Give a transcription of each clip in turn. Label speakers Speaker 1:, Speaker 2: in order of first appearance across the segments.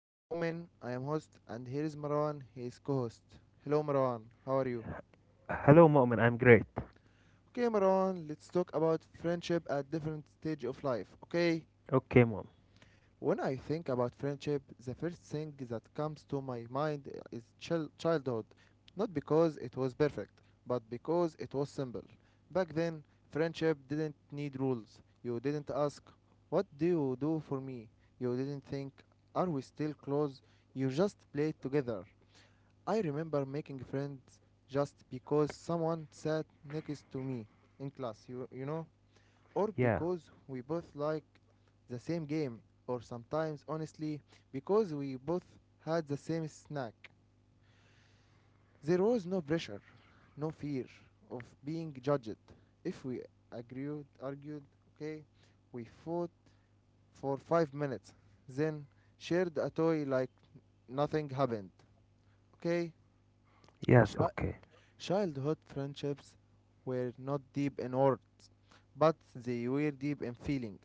Speaker 1: I am Mu'min, I am host, and here is Marwan, he is co-host. Hello Marwan, how are you?
Speaker 2: Hello, mom, and I'm great.
Speaker 1: Okay Marwan, let's talk about friendship at different stage of life, okay?
Speaker 2: Okay, mom.
Speaker 1: When I think about friendship, the first thing that comes to my mind is childhood. Not because it was perfect, but because it was simple. Back then, friendship didn't need rules. You didn't ask, what do you do for me? You didn't think, are we still close? You just played together. I remember making friends just because someone sat next to me in class, you know? Or
Speaker 2: Yeah.
Speaker 1: because we both like the same game, or sometimes, honestly, because we both had the same snack. There was no pressure, no fear of being judged. If we agreed, argued, okay, we fought for 5 minutes, then shared a toy like nothing happened. Okay.
Speaker 2: Yes,
Speaker 1: Sh-
Speaker 2: okay.
Speaker 1: Childhood friendships were not deep in words, but they were deep in feeling.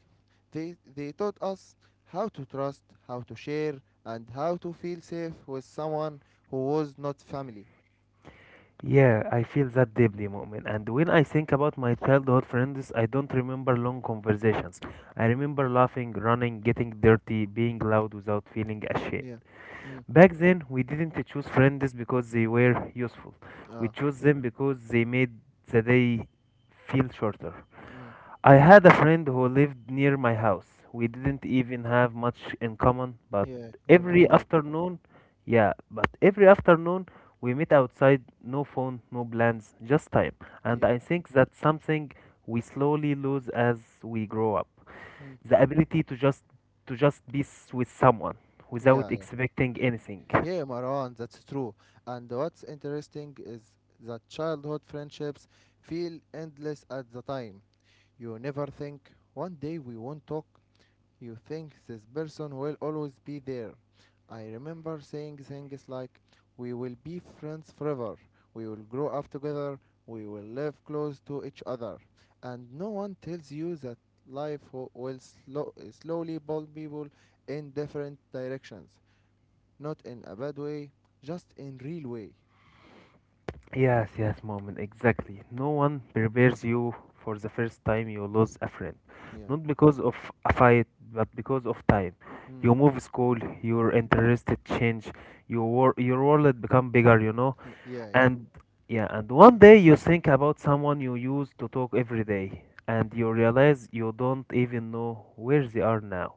Speaker 1: They taught us how to trust, how to share, and how to feel safe with someone who was not family.
Speaker 2: Yeah, I feel that deeply, Mu'min. And when I think about my childhood friends, I don't remember long conversations. I remember laughing, running, getting dirty, being loud without feeling ashamed.
Speaker 1: Yeah. Mm.
Speaker 2: Back then, we didn't choose friends because they were useful. We
Speaker 1: Ah.
Speaker 2: chose them because they made the day feel shorter.
Speaker 1: Mm.
Speaker 2: I had a friend who lived near my house. We didn't even have much in common, but
Speaker 1: Yeah. Your
Speaker 2: every
Speaker 1: neighbor.
Speaker 2: afternoon, yeah, but every afternoon we meet outside, no phone, no plans, just time. And
Speaker 1: Yeah.
Speaker 2: I think that's something we slowly lose as we grow up.
Speaker 1: Mm.
Speaker 2: The ability to just be with someone without
Speaker 1: Yeah. Yeah.
Speaker 2: expecting anything.
Speaker 1: Yeah, Marwan, that's true. And what's interesting is that childhood friendships feel endless at the time. You never think, one day we won't talk. You think this person will always be there. I remember saying things like, we will be friends forever. We will grow up together. We will live close to each other. And no one tells you that life will slowly pull people in different directions. Not in a bad way, just in real way.
Speaker 2: Yes, yes, moment, exactly. No one prepares you for the first time you lose a friend.
Speaker 1: Yeah.
Speaker 2: Not because of a fight, but because of time.
Speaker 1: Mm.
Speaker 2: You move school, your interests change, your world become bigger, you know.
Speaker 1: Yeah, yeah.
Speaker 2: And yeah, and one
Speaker 1: Eh,
Speaker 2: day you think about someone you used to talk every day, and you realize you don't even know where they are now.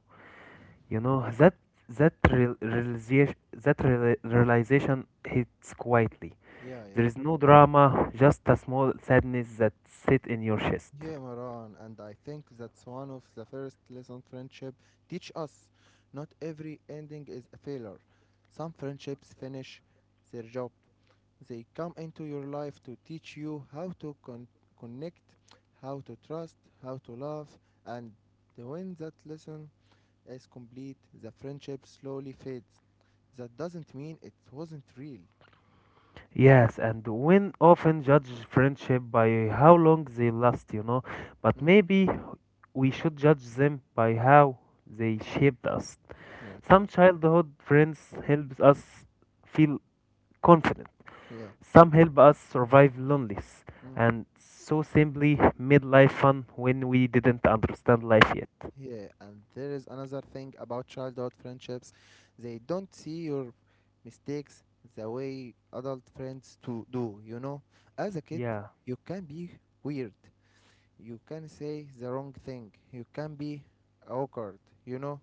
Speaker 2: You know that that real realization that reali- realization hits quietly.
Speaker 1: Yeah, yeah.
Speaker 2: There is no drama, just a small sadness that sits in your chest.
Speaker 1: Yeah, Maran, and I think that's one of the first lessons friendship teach us. Not every ending is a failure. Some friendships finish their job. They come into your life to teach you how to connect, how to trust, how to love, and when that lesson is complete, the friendship slowly fades. That doesn't mean it wasn't real.
Speaker 2: Yes, and women often judge friendship by how long they last, you know, but
Speaker 1: Mm,
Speaker 2: maybe we should judge them by how they shaped us.
Speaker 1: yeah,
Speaker 2: Some childhood friends help us feel confident.
Speaker 1: yeah.
Speaker 2: Some help us survive loneliness.
Speaker 1: Mm.
Speaker 2: And so simply made life fun when we didn't understand life yet.
Speaker 1: Yeah, and there is another thing about childhood friendships. They don't see your mistakes the way adult friends to do, you know? As a kid,
Speaker 2: Yeah,
Speaker 1: you can be weird. You can say the wrong thing. You can be awkward, you know?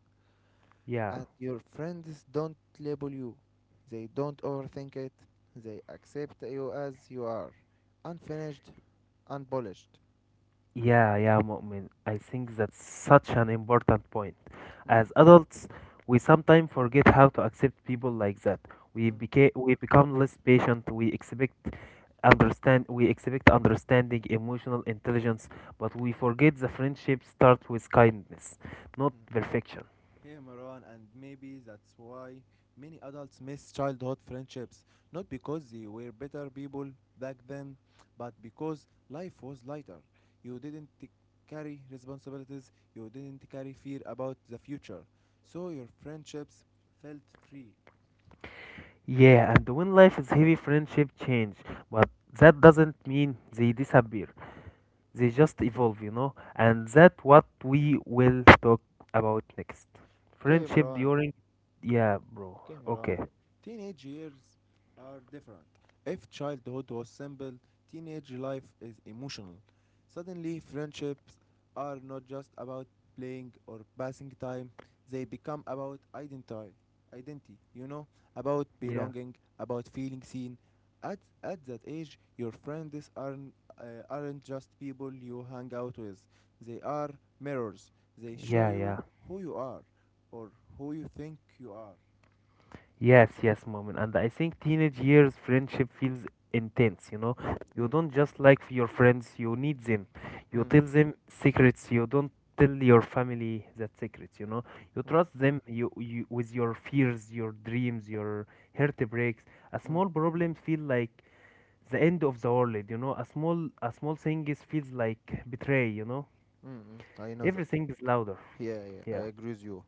Speaker 2: yeah.
Speaker 1: And your friends don't label you. They don't overthink it. They accept you as you are. Unfinished, unpolished.
Speaker 2: Yeah, yeah, Mu'min. I think that's such an important point.
Speaker 1: Mm.
Speaker 2: As adults, we sometimes forget how to accept people like that. We
Speaker 1: Mm.
Speaker 2: became we become less patient. We expect understanding, emotional intelligence, but we forget the friendship starts with kindness, not perfection.
Speaker 1: Hey Maran, and maybe that's why many adults miss childhood friendships. Not because they were better people back then, but because life was lighter. You didn't carry responsibilities, you didn't carry fear about the future. So your friendships felt free.
Speaker 2: Yeah, and when life is heavy, friendship change, but that doesn't mean they disappear. They just evolve, you know, and that what we will talk about next.
Speaker 1: Okay,
Speaker 2: Friendship
Speaker 1: Marwan.
Speaker 2: during, yeah, bro.
Speaker 1: Okay,
Speaker 2: Okay,
Speaker 1: Marwan. Teenage years are different. If childhood was simple, teenage life is emotional. Suddenly, friendships are not just about playing or passing time, they become about identity. Identity, you know, about
Speaker 2: yeah,
Speaker 1: belonging, about feeling seen. At that age, your friends aren't just people you hang out with, they are mirrors. They show
Speaker 2: yeah,
Speaker 1: you
Speaker 2: yeah.
Speaker 1: who you are or who you think you are.
Speaker 2: Yes, yes, moment. And I think teenage years friendship feels intense, you know. You
Speaker 1: Mm,
Speaker 2: don't just like your friends, you need them. You
Speaker 1: mm,
Speaker 2: tell them secrets, you don't tell your family that secrets, you know. You
Speaker 1: mm,
Speaker 2: trust them you with your fears, your dreams, your heartbreaks. A
Speaker 1: mm,
Speaker 2: small problem feel like the end of the world, you know, a small thing is feels like betray, you know,
Speaker 1: mm, mm. I know that.
Speaker 2: everything is louder.
Speaker 1: Yeah, yeah, I
Speaker 2: Yeah,
Speaker 1: agree with you.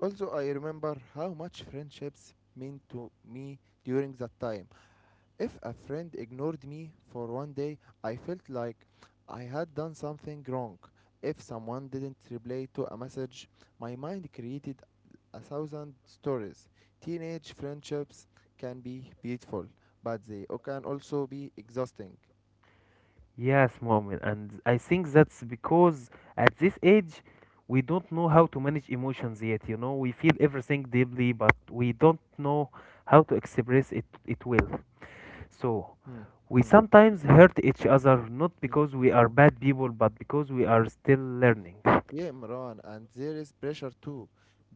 Speaker 1: Also, I remember how much friendships mean to me during that time. If a friend ignored me for 1 day, I felt like I had done something wrong. If someone didn't reply to a message, my mind created a thousand stories. Teenage friendships can be beautiful, but they can also be exhausting.
Speaker 2: yes, mom, and I think that's because at this age we don't know how to manage emotions yet, you know, we feel everything deeply, but we don't know how to express it it will. So
Speaker 1: Hmm.
Speaker 2: we
Speaker 1: Hmm.
Speaker 2: sometimes hurt each other, not
Speaker 1: Yeah.
Speaker 2: because we are bad people, but because we are still learning.
Speaker 1: Yeah, Imran, and there is pressure too.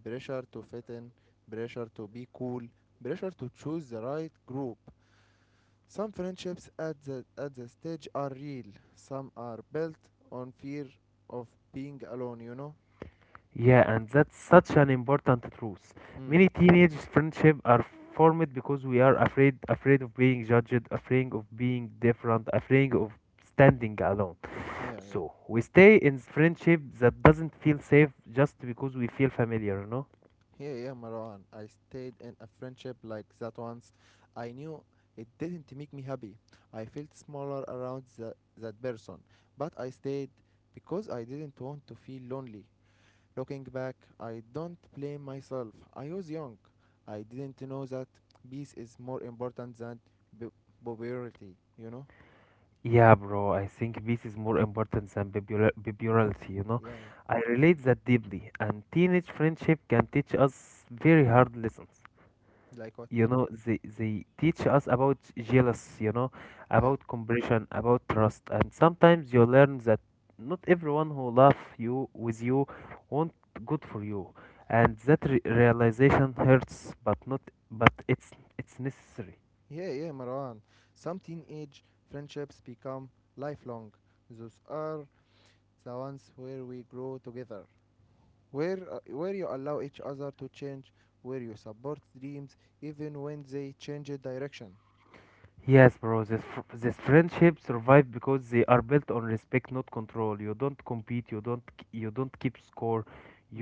Speaker 1: Pressure to fit in, pressure to be cool, pressure to choose the right group. Some friendships at the stage are real. Some are built on fear of being alone, you know?
Speaker 2: Yeah, and that's such an important truth.
Speaker 1: Mm.
Speaker 2: Many teenage friendships are formed because we are afraid of being judged, afraid of being different, afraid of standing alone.
Speaker 1: Yeah, yeah.
Speaker 2: So we stay in friendship that doesn't feel safe just because we feel familiar, you know?
Speaker 1: Yeah, yeah, Marwan. I stayed in a friendship like that once. I knew it didn't make me happy. I felt smaller around that person. But I stayed because I didn't want to feel lonely. Looking back, I don't blame myself. I was young. I didn't know that peace is more important than b- popularity, you know?
Speaker 2: Yeah, bro, I think peace is more important than bibularity, you know?
Speaker 1: Yeah,
Speaker 2: I relate that deeply, and teenage friendship can teach us very hard lessons.
Speaker 1: yeah. Like what?
Speaker 2: You know, they teach us about jealous, you know,
Speaker 1: Yeah.
Speaker 2: about compassion, about trust, and sometimes you learn that not everyone who love you with you want good for you, and that realization hurts, but not but it's necessary.
Speaker 1: Yeah, yeah, Marwan. Some teenage friendships become lifelong. Those are the ones where we grow together, where you allow each other to change, where you support dreams even when they change direction.
Speaker 2: Yes, bro, this friendship survive because they are built on respect, not control. You don't compete, you don't keep score,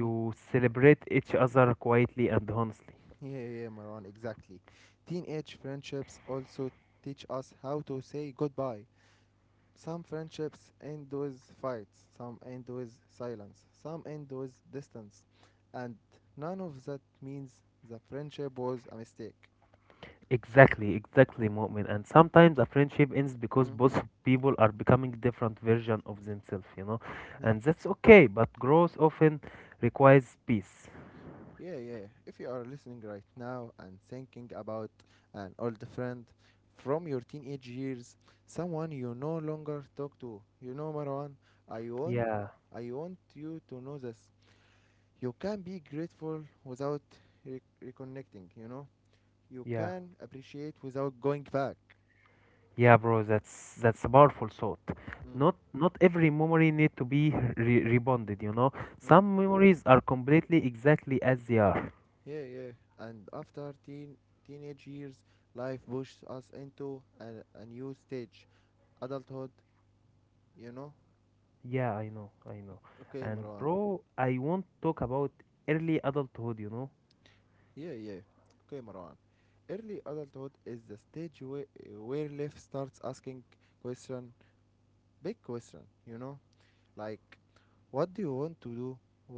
Speaker 2: you celebrate each other quietly and honestly.
Speaker 1: Yeah, yeah, yeah, Marwan, exactly. Teenage friendships also teach us how to say goodbye. Some friendships end with fights, some end with silence, some end with distance, and none of that means the friendship was a mistake.
Speaker 2: Exactly, exactly, Mu'min. And sometimes a friendship ends because
Speaker 1: Mm,
Speaker 2: both people are becoming different version of themselves, you know.
Speaker 1: yeah,
Speaker 2: And that's okay, but growth often requires peace.
Speaker 1: yeah, yeah. If you are listening right now and thinking about an old friend from your teenage years, someone you no longer talk to, you know, Marwan, I want
Speaker 2: Yeah,
Speaker 1: I want you to know this. You can be grateful without reconnecting, you know. You
Speaker 2: yeah.
Speaker 1: can appreciate without going back.
Speaker 2: Yeah, bro, that's a powerful thought.
Speaker 1: Mm.
Speaker 2: Not every memory need to be re rebonded, you know.
Speaker 1: Mm.
Speaker 2: Some memories are completely exactly as they are.
Speaker 1: Yeah, yeah. And after teenage years, life pushes us into a new stage, adulthood, you know.
Speaker 2: Yeah, I know, I know.
Speaker 1: Okay,
Speaker 2: And
Speaker 1: Marwan.
Speaker 2: bro, I want to talk about early adulthood, you know.
Speaker 1: Yeah, yeah. Okay, Marwan. Early adulthood is the stage where life starts asking question, big question, you know, like, what do you want to do?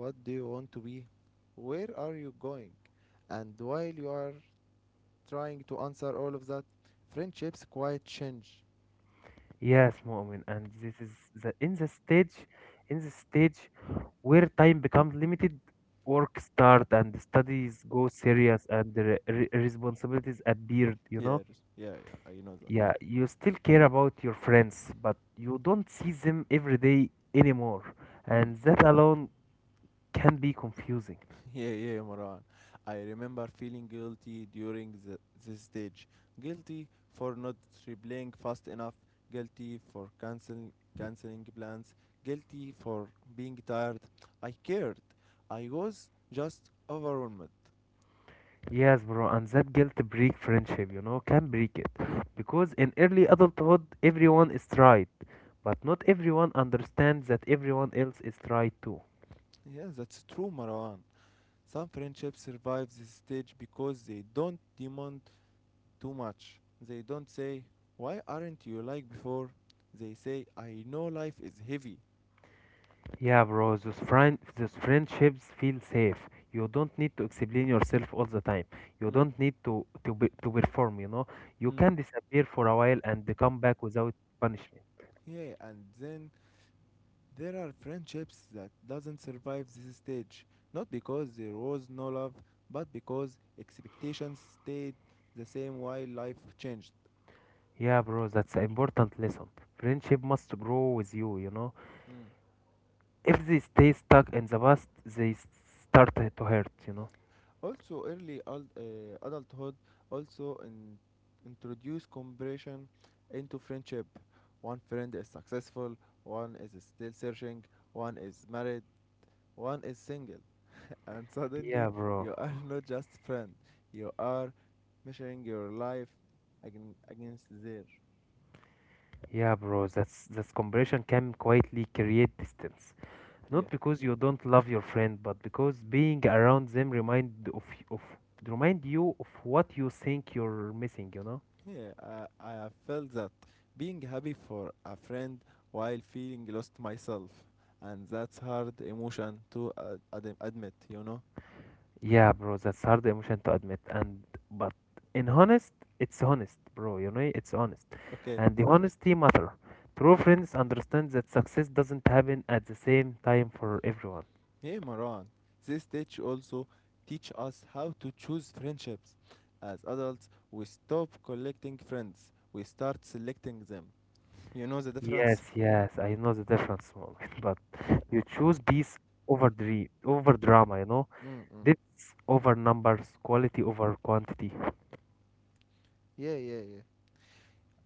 Speaker 1: What do you want to be? Where are you going? And while you are trying to answer all of that, friendships quite change.
Speaker 2: Yes, Mu'min, and this is the in the stage where time becomes limited, work start and studies go serious and the responsibilities appeared, you know?
Speaker 1: Yes, yeah, yeah, I know that.
Speaker 2: Yeah, you still care about your friends, but you don't see them every day anymore,
Speaker 1: Hmm.
Speaker 2: and that alone can be confusing.
Speaker 1: Yeah, yeah, Marwan. I remember feeling guilty during this stage. Guilty for not replying fast enough. Guilty for canceling plans. Guilty for being tired. I cared. I was just overwhelmed.
Speaker 2: Yes, bro, and that guilt break friendship, you know, can break it. Because in early adulthood, everyone is tried, but not everyone understands that everyone else is tried too.
Speaker 1: Yeah, that's true, Marwan. Some friendships survive this stage because they don't demand too much. They don't say, why aren't you like before? They say, I know life is heavy.
Speaker 2: Yeah, bro, those, friend, those friendships feel safe. You don't need to explain yourself all the time. You
Speaker 1: Mm,
Speaker 2: don't need to perform, you know. You
Speaker 1: mm.
Speaker 2: can disappear for a while and come back without punishment.
Speaker 1: Yeah, and then there are friendships that doesn't survive this stage. Not because there was no love, but because expectations stayed the same while life changed.
Speaker 2: Yeah, bro, that's an important lesson. Friendship must grow with you, you know.
Speaker 1: Mm.
Speaker 2: If they stay stuck in the past, start to hurt, you know.
Speaker 1: Also, adulthood also introduce comparison into friendship. One friend is successful, one is still searching, one is married, one is single, and suddenly
Speaker 2: Yeah, bro.
Speaker 1: you are not just friend. You are measuring your life again against theirs.
Speaker 2: Yeah, bro. That's comparison can quietly create distance.
Speaker 1: Yeah.
Speaker 2: Not because you don't love your friend, but because being around them remind you of what you think you're missing, you know?
Speaker 1: Yeah, I have felt that being happy for a friend while feeling lost myself, and that's hard emotion to admit, you know.
Speaker 2: Yeah, bro. That's hard emotion to admit, and but in honest, it's honest, bro. You know, it's honest,
Speaker 1: Okay,
Speaker 2: and the honesty matter. True friends understand that success doesn't happen at the same time for everyone.
Speaker 1: hey Maran, this stage also teach us how to choose friendships. As adults, we stop collecting friends, we start selecting them. You know the difference?
Speaker 2: Yes, yes, I know the difference, moment, but you choose peace over dream, over drama, you know,
Speaker 1: Mm-mm.
Speaker 2: depth over numbers, quality over quantity.
Speaker 1: Yeah, yeah, yeah.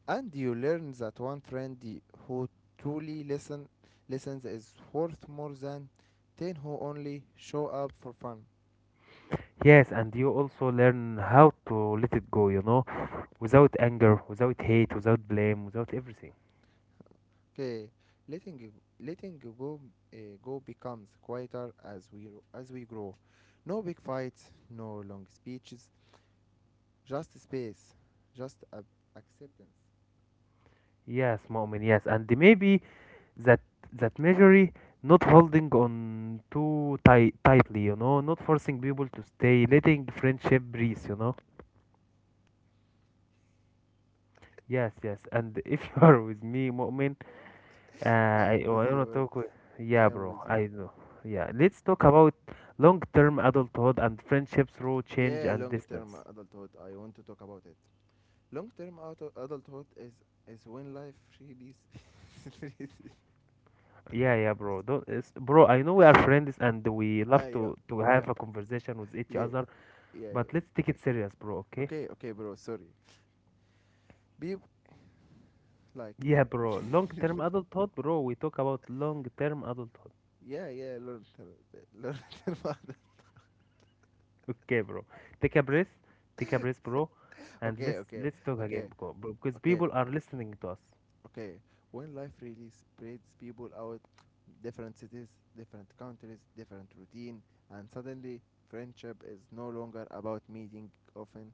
Speaker 1: And you learn that one friend who truly listen listens is worth more than 10 who only show up for fun.
Speaker 2: Yes, and you also learn how to let it go, you know, without anger, without hate, without blame, without everything.
Speaker 1: Okay, letting letting go go becomes quieter as we grow. No big fights, no long speeches, just space, just acceptance.
Speaker 2: Yes, moment, yes, and maybe that that measure, not holding on too tightly, you know, not forcing people to stay, letting friendship breathe, you know. Yes, yes, and if you are with me, moment. Uh,
Speaker 1: I
Speaker 2: I
Speaker 1: am with
Speaker 2: want
Speaker 1: you,
Speaker 2: to
Speaker 1: bro.
Speaker 2: talk with.
Speaker 1: I
Speaker 2: Yeah,
Speaker 1: am
Speaker 2: bro,
Speaker 1: with you.
Speaker 2: I know. Yeah, let's talk about long-term adulthood and friendship through change
Speaker 1: Yeah,
Speaker 2: and
Speaker 1: long term
Speaker 2: distance.
Speaker 1: adulthood, I want to talk about it. Long term adulthood is when life really really
Speaker 2: Yeah, yeah, bro. Don't, it's, Bro, I know we are friends and we love
Speaker 1: Ah, yeah,
Speaker 2: to
Speaker 1: yeah,
Speaker 2: have a conversation with each
Speaker 1: yeah,
Speaker 2: other,
Speaker 1: yeah, yeah.
Speaker 2: but let's take it serious, bro. Okay?
Speaker 1: Okay, okay, bro. Sorry. Beep, like,
Speaker 2: Yeah, bro. Long-term adulthood, bro. We talk about long-term adulthood.
Speaker 1: yeah, yeah. Learn. tell my—
Speaker 2: Okay, bro. Take a breath. Take a breath, bro, and
Speaker 1: Okay,
Speaker 2: let's
Speaker 1: okay,
Speaker 2: let's talk again,
Speaker 1: okay,
Speaker 2: bro, because
Speaker 1: okay,
Speaker 2: people are listening to us.
Speaker 1: okay. When life really spreads people out, different cities, different countries, different routine, and suddenly friendship is no longer about meeting often.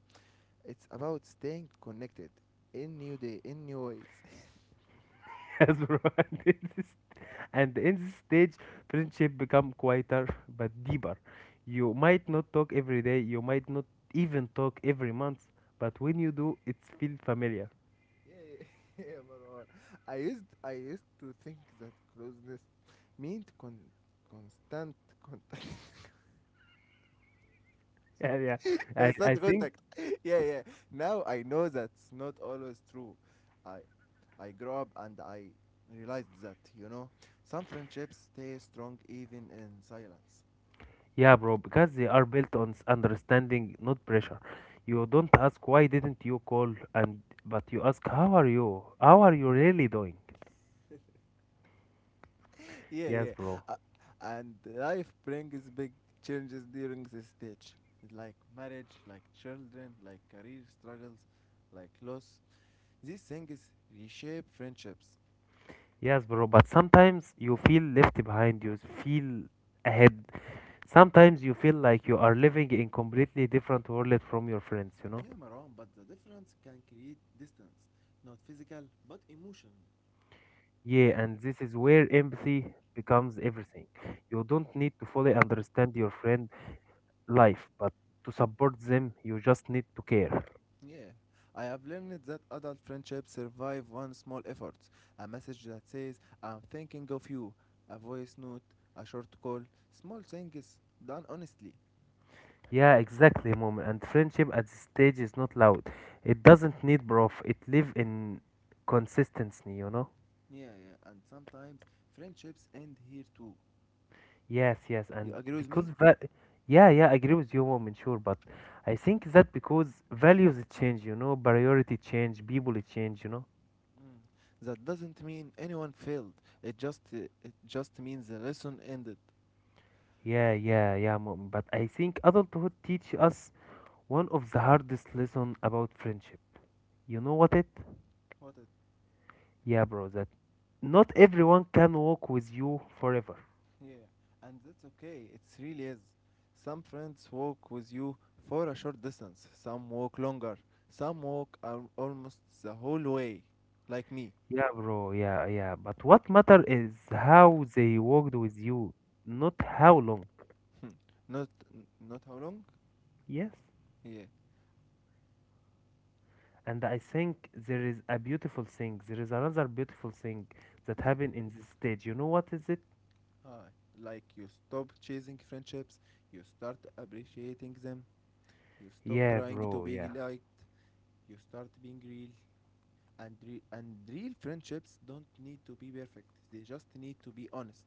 Speaker 1: It's about staying connected in new day, in new ways.
Speaker 2: As romantics, and in this stage, friendship become quieter but deeper. You might not talk every day, you might not even talk every month, but when you do, it feels familiar.
Speaker 1: yeah, yeah, yeah, Marwan. I used to think that closeness meant constant contact.
Speaker 2: Yeah, yeah. I,
Speaker 1: constant
Speaker 2: I think,
Speaker 1: contact. yeah, yeah. Now I know that's not always true. I I grew up and I realized that, you know, some friendships stay strong even in silence.
Speaker 2: yeah, bro, because they are built on understanding, not pressure. You don't ask why didn't you call, and but you ask how are you? How are you really doing?
Speaker 1: yeah, yeah.
Speaker 2: Yes, bro.
Speaker 1: Uh, and life brings big changes during this stage, like marriage, like children, like career struggles, like loss. These things reshape friendships.
Speaker 2: Yes, bro. But sometimes you feel left behind. You feel ahead. Sometimes you feel like you are living in completely different world from your friends, you know?
Speaker 1: Yeah, Marwan, but the difference can create distance, not physical, but emotional.
Speaker 2: Yeah, and this is where empathy becomes everything. You don't need to fully understand your friend life, but to support them, you just need to care.
Speaker 1: Yeah, I have learned that adult friendships survive one small effort, a message that says, I'm thinking of you, a voice note, a short call, small things done honestly.
Speaker 2: Yeah, exactly, mom. And friendship at this stage is not loud. It doesn't need proof. It live in consistency, you know?
Speaker 1: Yeah, yeah, and sometimes friendships end here too.
Speaker 2: Yes, yes,
Speaker 1: You
Speaker 2: and
Speaker 1: agree with
Speaker 2: because
Speaker 1: me?
Speaker 2: yeah, yeah, I agree with you, woman, sure, but I think that because values change, you know, priority change, people change, you know.
Speaker 1: Mm. That doesn't mean anyone failed. It just uh, it just means the lesson ended.
Speaker 2: Yeah, yeah, yeah, mom, but I think adulthood teach us one of the hardest lesson about friendship. You know what it?
Speaker 1: What it?
Speaker 2: Yeah, bro, that not everyone can walk with you forever.
Speaker 1: Yeah. And that's okay. It really is. Some friends walk with you for a short distance. Some walk longer. Some walk almost the whole way, like me.
Speaker 2: Yeah, bro, yeah, yeah, but what matter is how they walked with you, not how long.
Speaker 1: Hmm. not Not how long?
Speaker 2: Yes.
Speaker 1: Yeah,
Speaker 2: And I think there is a beautiful thing. There is another beautiful thing that
Speaker 1: yeah.
Speaker 2: happened in this stage. You know what is it?
Speaker 1: Ah, like you stop chasing friendships, you start appreciating them. You stop
Speaker 2: Yeah,
Speaker 1: trying to
Speaker 2: bro.
Speaker 1: be
Speaker 2: Yeah.
Speaker 1: liked. You start being real. And, and real friendships don't need to be perfect. They just need to be honest.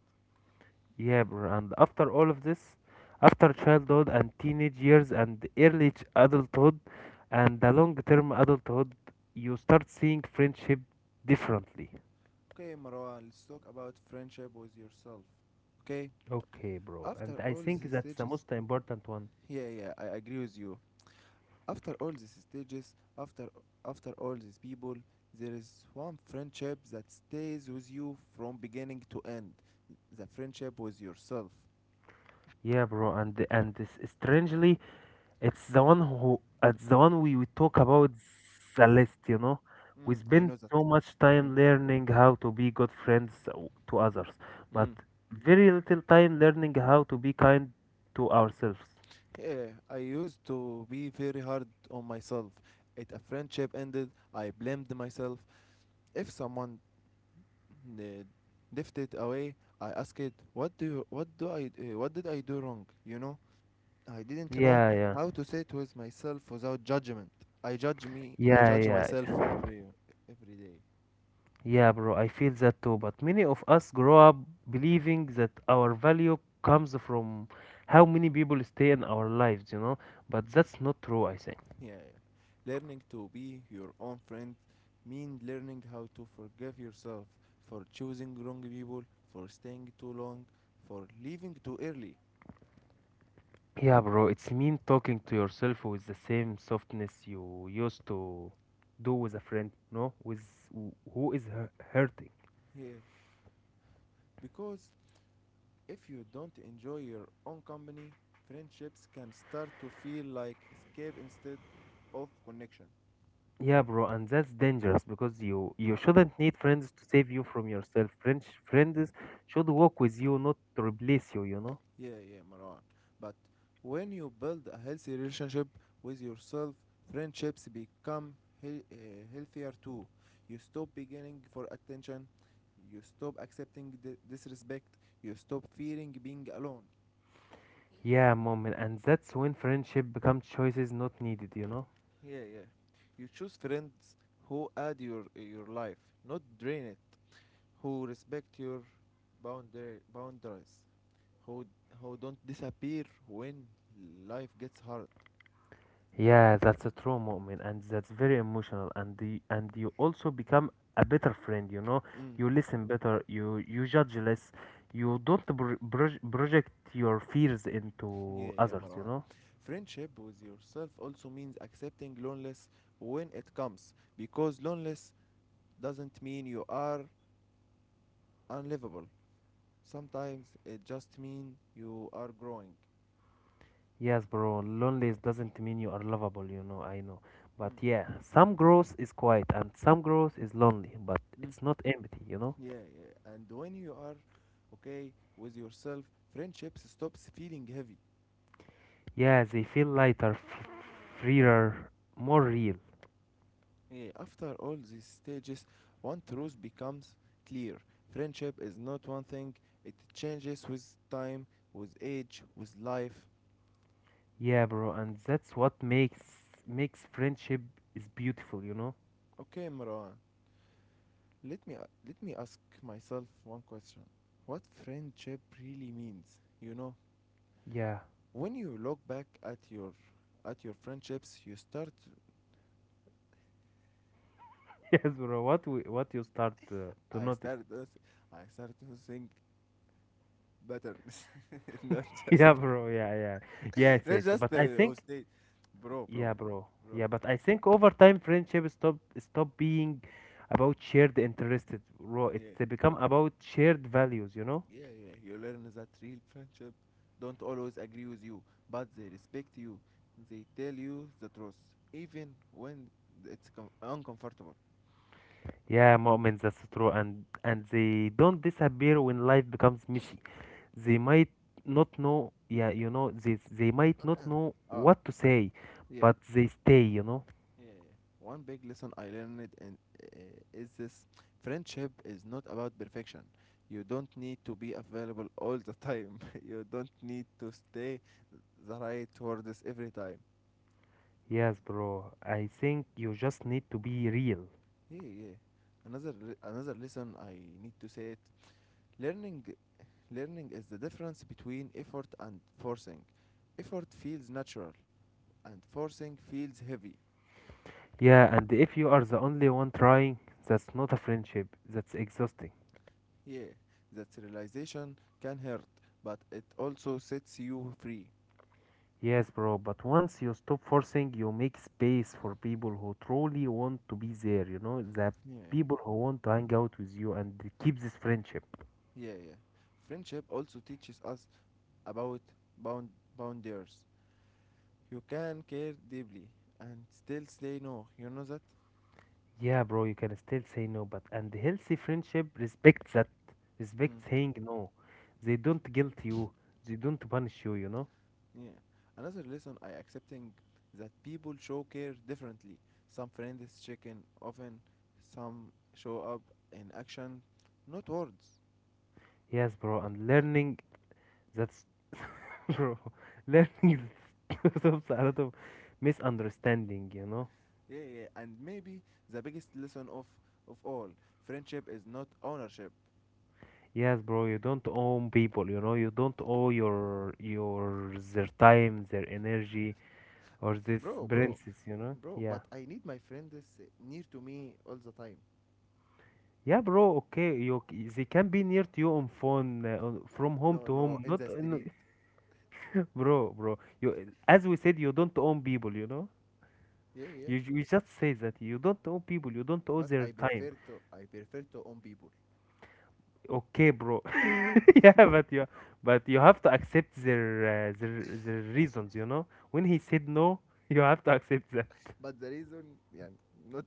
Speaker 2: Yeah, bro. And after all of this, after childhood and teenage years and adulthood and the long term adulthood, you start seeing friendship differently.
Speaker 1: Okay, Marwan, let's talk about friendship with yourself. Okay?
Speaker 2: Okay, bro.
Speaker 1: After
Speaker 2: And I
Speaker 1: all these
Speaker 2: think that's the
Speaker 1: stages,
Speaker 2: most important one.
Speaker 1: yeah, yeah, I agree with you. After all these stages, after all these people, there is one friendship that stays with you from beginning to end. The friendship with yourself.
Speaker 2: Yeah, bro. And this, strangely, it's the one we talk about the Celeste, you know. We
Speaker 1: Mm, I
Speaker 2: spend
Speaker 1: know that.
Speaker 2: so much
Speaker 1: Mm.
Speaker 2: time learning how to be good friends to others, but
Speaker 1: Mm.
Speaker 2: very little time learning how to be kind to ourselves.
Speaker 1: Yeah, I used to be very hard on myself. If a friendship ended, I blamed myself. If someone uh, drifted away, I asked, "What do you, what do I what did I do wrong?" You know, I didn't know
Speaker 2: Yeah, yeah.
Speaker 1: how to sit with myself without judgment. I
Speaker 2: Yeah,
Speaker 1: judge
Speaker 2: yeah.
Speaker 1: myself every day.
Speaker 2: Yeah, bro, I feel that too. But many of us grow up believing that our value comes from how many people stay in our lives, you know? But that's not true, I think.
Speaker 1: Yeah, yeah. Learning to be your own friend means learning how to forgive yourself for choosing wrong people, for staying too long, for leaving too early.
Speaker 2: Yeah, bro, it's mean talking to yourself with the same softness you used to do with a friend, no? With who is hurting.
Speaker 1: Yeah, because if you don't enjoy your own company, friendships can start to feel like escape instead of connection.
Speaker 2: Yeah, bro, and that's dangerous because you shouldn't need friends to save you from yourself. Friends should walk with you, not to replace you, you know?
Speaker 1: Yeah, yeah, Marwan. But when you build a healthy relationship with yourself, friendships become healthier too. You stop beginning for attention, you stop accepting disrespect, you stop fearing being alone.
Speaker 2: Yeah, moment, and that's when friendship becomes choices not needed, you know?
Speaker 1: Yeah, yeah. You choose friends who add your life, not drain it. Who respect your boundary boundaries, who who don't disappear when life gets hard.
Speaker 2: Yeah, that's a true moment, and that's very emotional, and you also become a better friend. You know,
Speaker 1: Mm.
Speaker 2: you listen better, you judge less, you don't project your fears
Speaker 1: Yeah,
Speaker 2: into
Speaker 1: yeah,
Speaker 2: others. You
Speaker 1: Marwan.
Speaker 2: know.
Speaker 1: Friendship with yourself also means accepting loneliness when it comes, because loneliness doesn't mean you are unlivable. Sometimes it just means you are growing.
Speaker 2: Yes, bro. Loneliness doesn't mean you are lovable. You know, I know, but
Speaker 1: Mm.
Speaker 2: yeah, some growth is quiet, and some growth is lonely, but
Speaker 1: Mm.
Speaker 2: it's not empty. You know.
Speaker 1: Yeah, yeah. And when you are okay with yourself, friendships stops feeling heavy.
Speaker 2: Yeah, they feel lighter, f freer, more real.
Speaker 1: Yeah, after all these stages, one truth becomes clear. Friendship is not one thing, it changes with time, with age, with life.
Speaker 2: Yeah, bro, and that's what makes friendship is beautiful, you know?
Speaker 1: Okay, Marwan. Let me Let me ask myself one question. What friendship really means? You know,
Speaker 2: Yeah.
Speaker 1: when you look back at your friendships, you start.
Speaker 2: Yes, bro. What you start to
Speaker 1: I
Speaker 2: notice.
Speaker 1: started. to I started to think patterns, not just
Speaker 2: Yeah, bro. Yeah, yeah. Yes,
Speaker 1: not
Speaker 2: yes.
Speaker 1: just
Speaker 2: But I
Speaker 1: the whole
Speaker 2: think
Speaker 1: state, bro, bro,
Speaker 2: yeah, bro.
Speaker 1: bro.
Speaker 2: Yeah, but I think over time friendship stop being about shared interested, bro.
Speaker 1: Yeah,
Speaker 2: It's become about shared values, you know?
Speaker 1: yeah, yeah. You learn that real friendship don't always agree with you, but they respect you. They tell you the truth, even when it's uncomfortable.
Speaker 2: Yeah, moments that's true, and they don't disappear when life becomes messy. They might not know, yeah, you know, they might not know
Speaker 1: اه
Speaker 2: what to say,
Speaker 1: yeah
Speaker 2: but they stay, you know.
Speaker 1: yeah. One big lesson I learned in, is this: friendship is not about perfection. You don't need to be available all the time. You don't need to stay the right words every time.
Speaker 2: Yes, bro. I think you just need to be real.
Speaker 1: Yeah, another another lesson I need to say it. Learning learning is the difference between effort and forcing. Effort feels natural, and forcing feels heavy.
Speaker 2: Yeah, and if you are the only one trying, that's not a friendship. That's exhausting.
Speaker 1: Yeah, that realization can hurt, but it also sets you free.
Speaker 2: Yes, bro. But once you stop forcing, you make space for people who truly want to be there. The
Speaker 1: Yeah,
Speaker 2: people who want to hang out with you and keep this friendship.
Speaker 1: yeah, yeah. Friendship also teaches us about bound boundaries. You can care deeply and still say no. You know that?
Speaker 2: Yeah, bro, you can still say no, but and healthy friendship respects that.
Speaker 1: Mm.
Speaker 2: Respect saying no. They don't guilt you. They don't punish you, you know?
Speaker 1: Yeah. Another lesson I accepting that people show care differently. Some friends check in often, some show up in action, not words.
Speaker 2: Yes, bro, and learning that's bro. Learning stops a lot of misunderstanding, you know?
Speaker 1: Yeah, yeah, yeah. And maybe the biggest lesson of all, friendship is not ownership.
Speaker 2: Yes, bro, you don't own people, you know, you don't owe your their time, their energy, or this
Speaker 1: Bro, bro,
Speaker 2: princess, you know?
Speaker 1: bro,
Speaker 2: Yeah.
Speaker 1: but I need my friends near to me all the time.
Speaker 2: Yeah, bro. Okay, they can be near to you on phone, on, from home
Speaker 1: No,
Speaker 2: to
Speaker 1: no,
Speaker 2: home,
Speaker 1: in
Speaker 2: not
Speaker 1: the
Speaker 2: in.
Speaker 1: street.
Speaker 2: Bro, you, as we said, you don't own people, you know.
Speaker 1: Yeah, yeah.
Speaker 2: We just say that you don't own people, you don't own
Speaker 1: But
Speaker 2: their time.
Speaker 1: I prefer to own people.
Speaker 2: Okay, bro. Yeah, but you have to accept their their reasons, you know. When he said no, you have to accept that,
Speaker 1: But the reason yeah not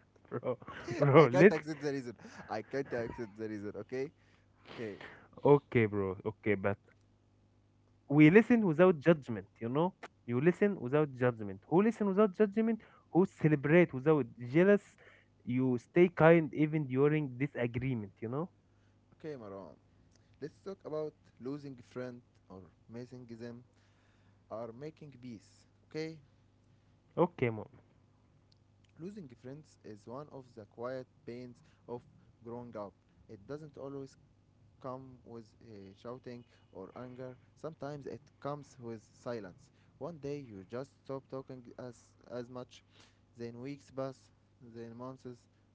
Speaker 2: bro.
Speaker 1: I
Speaker 2: Bro,
Speaker 1: can't
Speaker 2: let
Speaker 1: accept the reason. I can't accept the reason, okay? Okay,
Speaker 2: Okay, bro. Okay, but we listen without judgment, you know. You listen without judgment. Who listen without judgment? Who celebrate without jealous? You stay kind even during disagreement, you know.
Speaker 1: okay, Marwan. Let's talk about losing friend or missing them or making peace. Okay?
Speaker 2: Okay, mom.
Speaker 1: Losing friends is one of the quiet pains of growing up. It doesn't always come with shouting or anger. Sometimes it comes with silence. One day you just stop talking as much, then weeks pass, then months,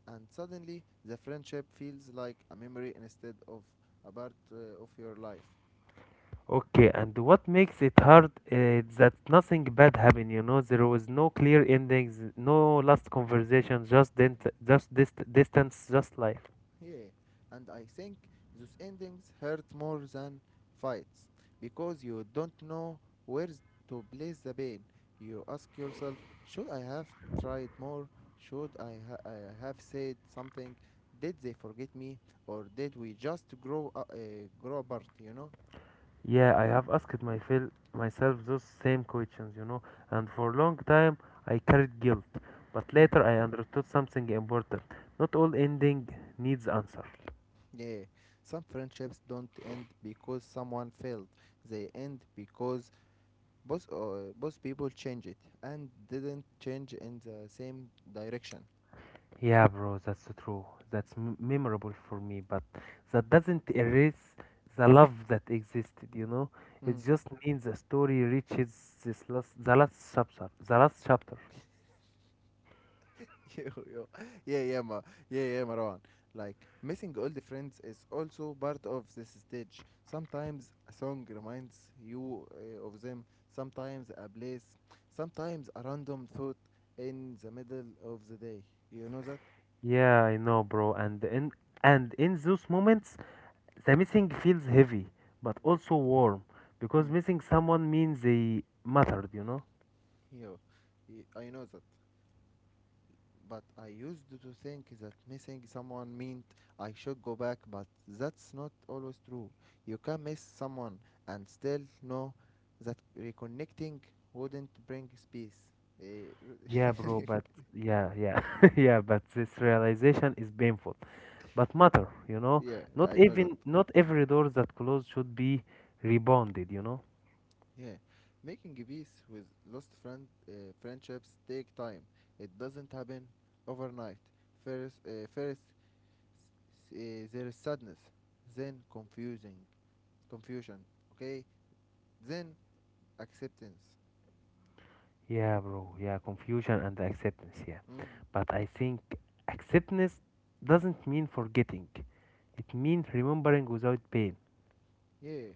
Speaker 1: and suddenly the friendship feels like a memory instead of a part of your life.
Speaker 2: Okay, and what makes it hard is that nothing bad happened, you know. There was no clear endings, no last conversation, just distance, just life.
Speaker 1: Yeah, and I think those endings hurt more than fights because you don't know where to place the pain. You ask yourself, should I have tried more? I have said something? Did they forget me, or did we just grow apart? You know.
Speaker 2: Yeah, I have asked myself those same questions, you know, and for a long time I carried guilt. But
Speaker 1: Hmm.
Speaker 2: later I understood something important. Not all ending needs answer.
Speaker 1: Yeah, some friendships don't end because someone failed. They end because both people change it and didn't change in the same direction.
Speaker 2: Yeah, bro, that's true. That's memorable for me, but that doesn't erase the love that existed, you know? It
Speaker 1: Mm.
Speaker 2: just means the story reaches this last, the last chapter, the last chapter.
Speaker 1: Yo, yo. Yeah, yeah, ma. Yeah, yeah, Marwan. Like, missing old friends is also part of this stage. Sometimes a song reminds you of them, sometimes a place, sometimes a random thought in the middle of the day. You know that?
Speaker 2: Yeah, I know, bro. And in those moments, the missing feels heavy, but also warm, because
Speaker 1: Mm.
Speaker 2: missing someone means they mattered, you know?
Speaker 1: Yo, I know that. But I used to think that missing someone meant I should go back, but that's not always true. You can miss someone and still know that reconnecting wouldn't bring peace. Eh,
Speaker 2: Yeah, bro, but yeah, yeah, yeah, but this realization is painful. But matter, you know,
Speaker 1: yeah, I know that.
Speaker 2: not every door that closed should be rebounded, you know?
Speaker 1: Yeah, making peace with lost friendships take time. It doesn't happen overnight. First, first there is sadness, then confusion. Okay, then acceptance.
Speaker 2: Yeah, bro, yeah, confusion and acceptance, yeah.
Speaker 1: Mm.
Speaker 2: But I think acceptance doesn't mean forgetting. It means remembering without pain.
Speaker 1: Yeah.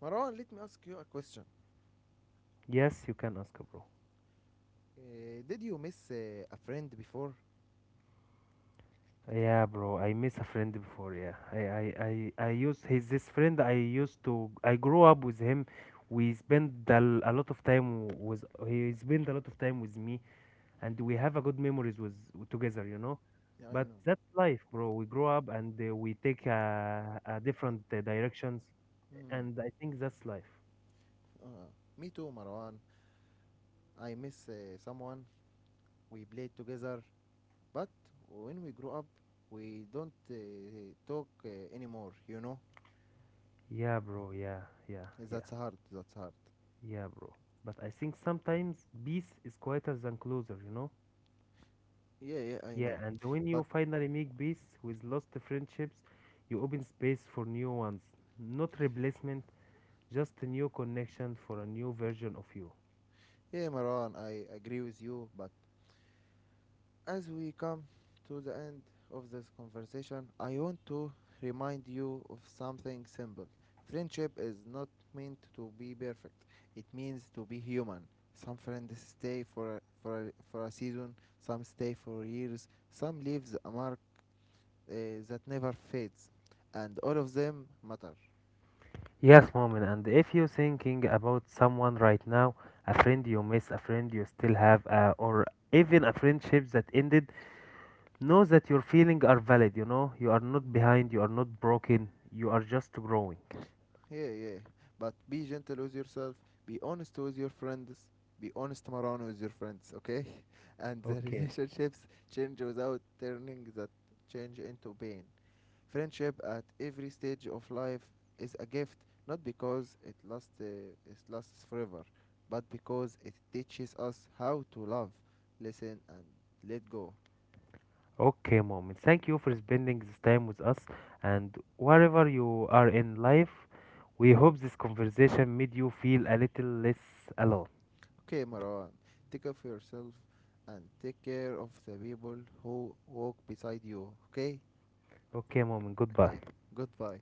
Speaker 1: Marwan, let me ask you a question.
Speaker 2: Yes, you can ask, bro.
Speaker 1: Did you miss a friend before?
Speaker 2: Yeah, bro. I miss a friend before. Yeah, I used he's this friend. I used to. I grew up with him. We spend a lot of time with. He spent a lot of time with me, and we have a good memories with together. You know,
Speaker 1: Yeah, I
Speaker 2: but
Speaker 1: know.
Speaker 2: that's life, bro. We grow up and we take a different directions,
Speaker 1: Mm.
Speaker 2: and I think that's life.
Speaker 1: Uh, Me too, Marwan. I miss someone we played together, but when we grew up, we don't talk anymore, you know?
Speaker 2: Yeah, bro. Yeah, yeah, yeah,
Speaker 1: That's hard, that's hard.
Speaker 2: yeah, bro. But I think sometimes peace is quieter than closer. You know.
Speaker 1: Yeah, yeah, I
Speaker 2: Yeah,
Speaker 1: know.
Speaker 2: and when you
Speaker 1: But
Speaker 2: finally make peace with lost friendships, you open space for new ones. Not replacement, just a new connection for a new version of you.
Speaker 1: yeah, Marwan, I agree with you, but as we come to the end of this conversation, I want to remind you of something simple. Friendship is not meant to be perfect. It means to be human. Some friends stay for a season, some stay for years, some leaves a mark uh, that never fades, and all of them matter.
Speaker 2: Yes, moment. And if you're thinking about someone right now, a friend you miss, a friend you still have, or even a friendship that ended, know that your feelings are valid. You know, you are not behind, you are not broken, you are just growing.
Speaker 1: Yeah, yeah. But be gentle with yourself. Be honest with your friends. Be honest, Marano, with your friends, okay? And the
Speaker 2: Okay.
Speaker 1: relationships change without turning that change into pain. Friendship at every stage of life is a gift, not because it lasts forever, but because it teaches us how to love, listen, and let go.
Speaker 2: Okay, mom. Thank you for spending this time with us. And wherever you are in life, we hope this conversation made you feel a little less alone.
Speaker 1: Okay, Marwan, take care of yourself and take care of the people who walk beside you, okay?
Speaker 2: Okay, mom.
Speaker 1: Okay,
Speaker 2: Goodbye.
Speaker 1: goodbye.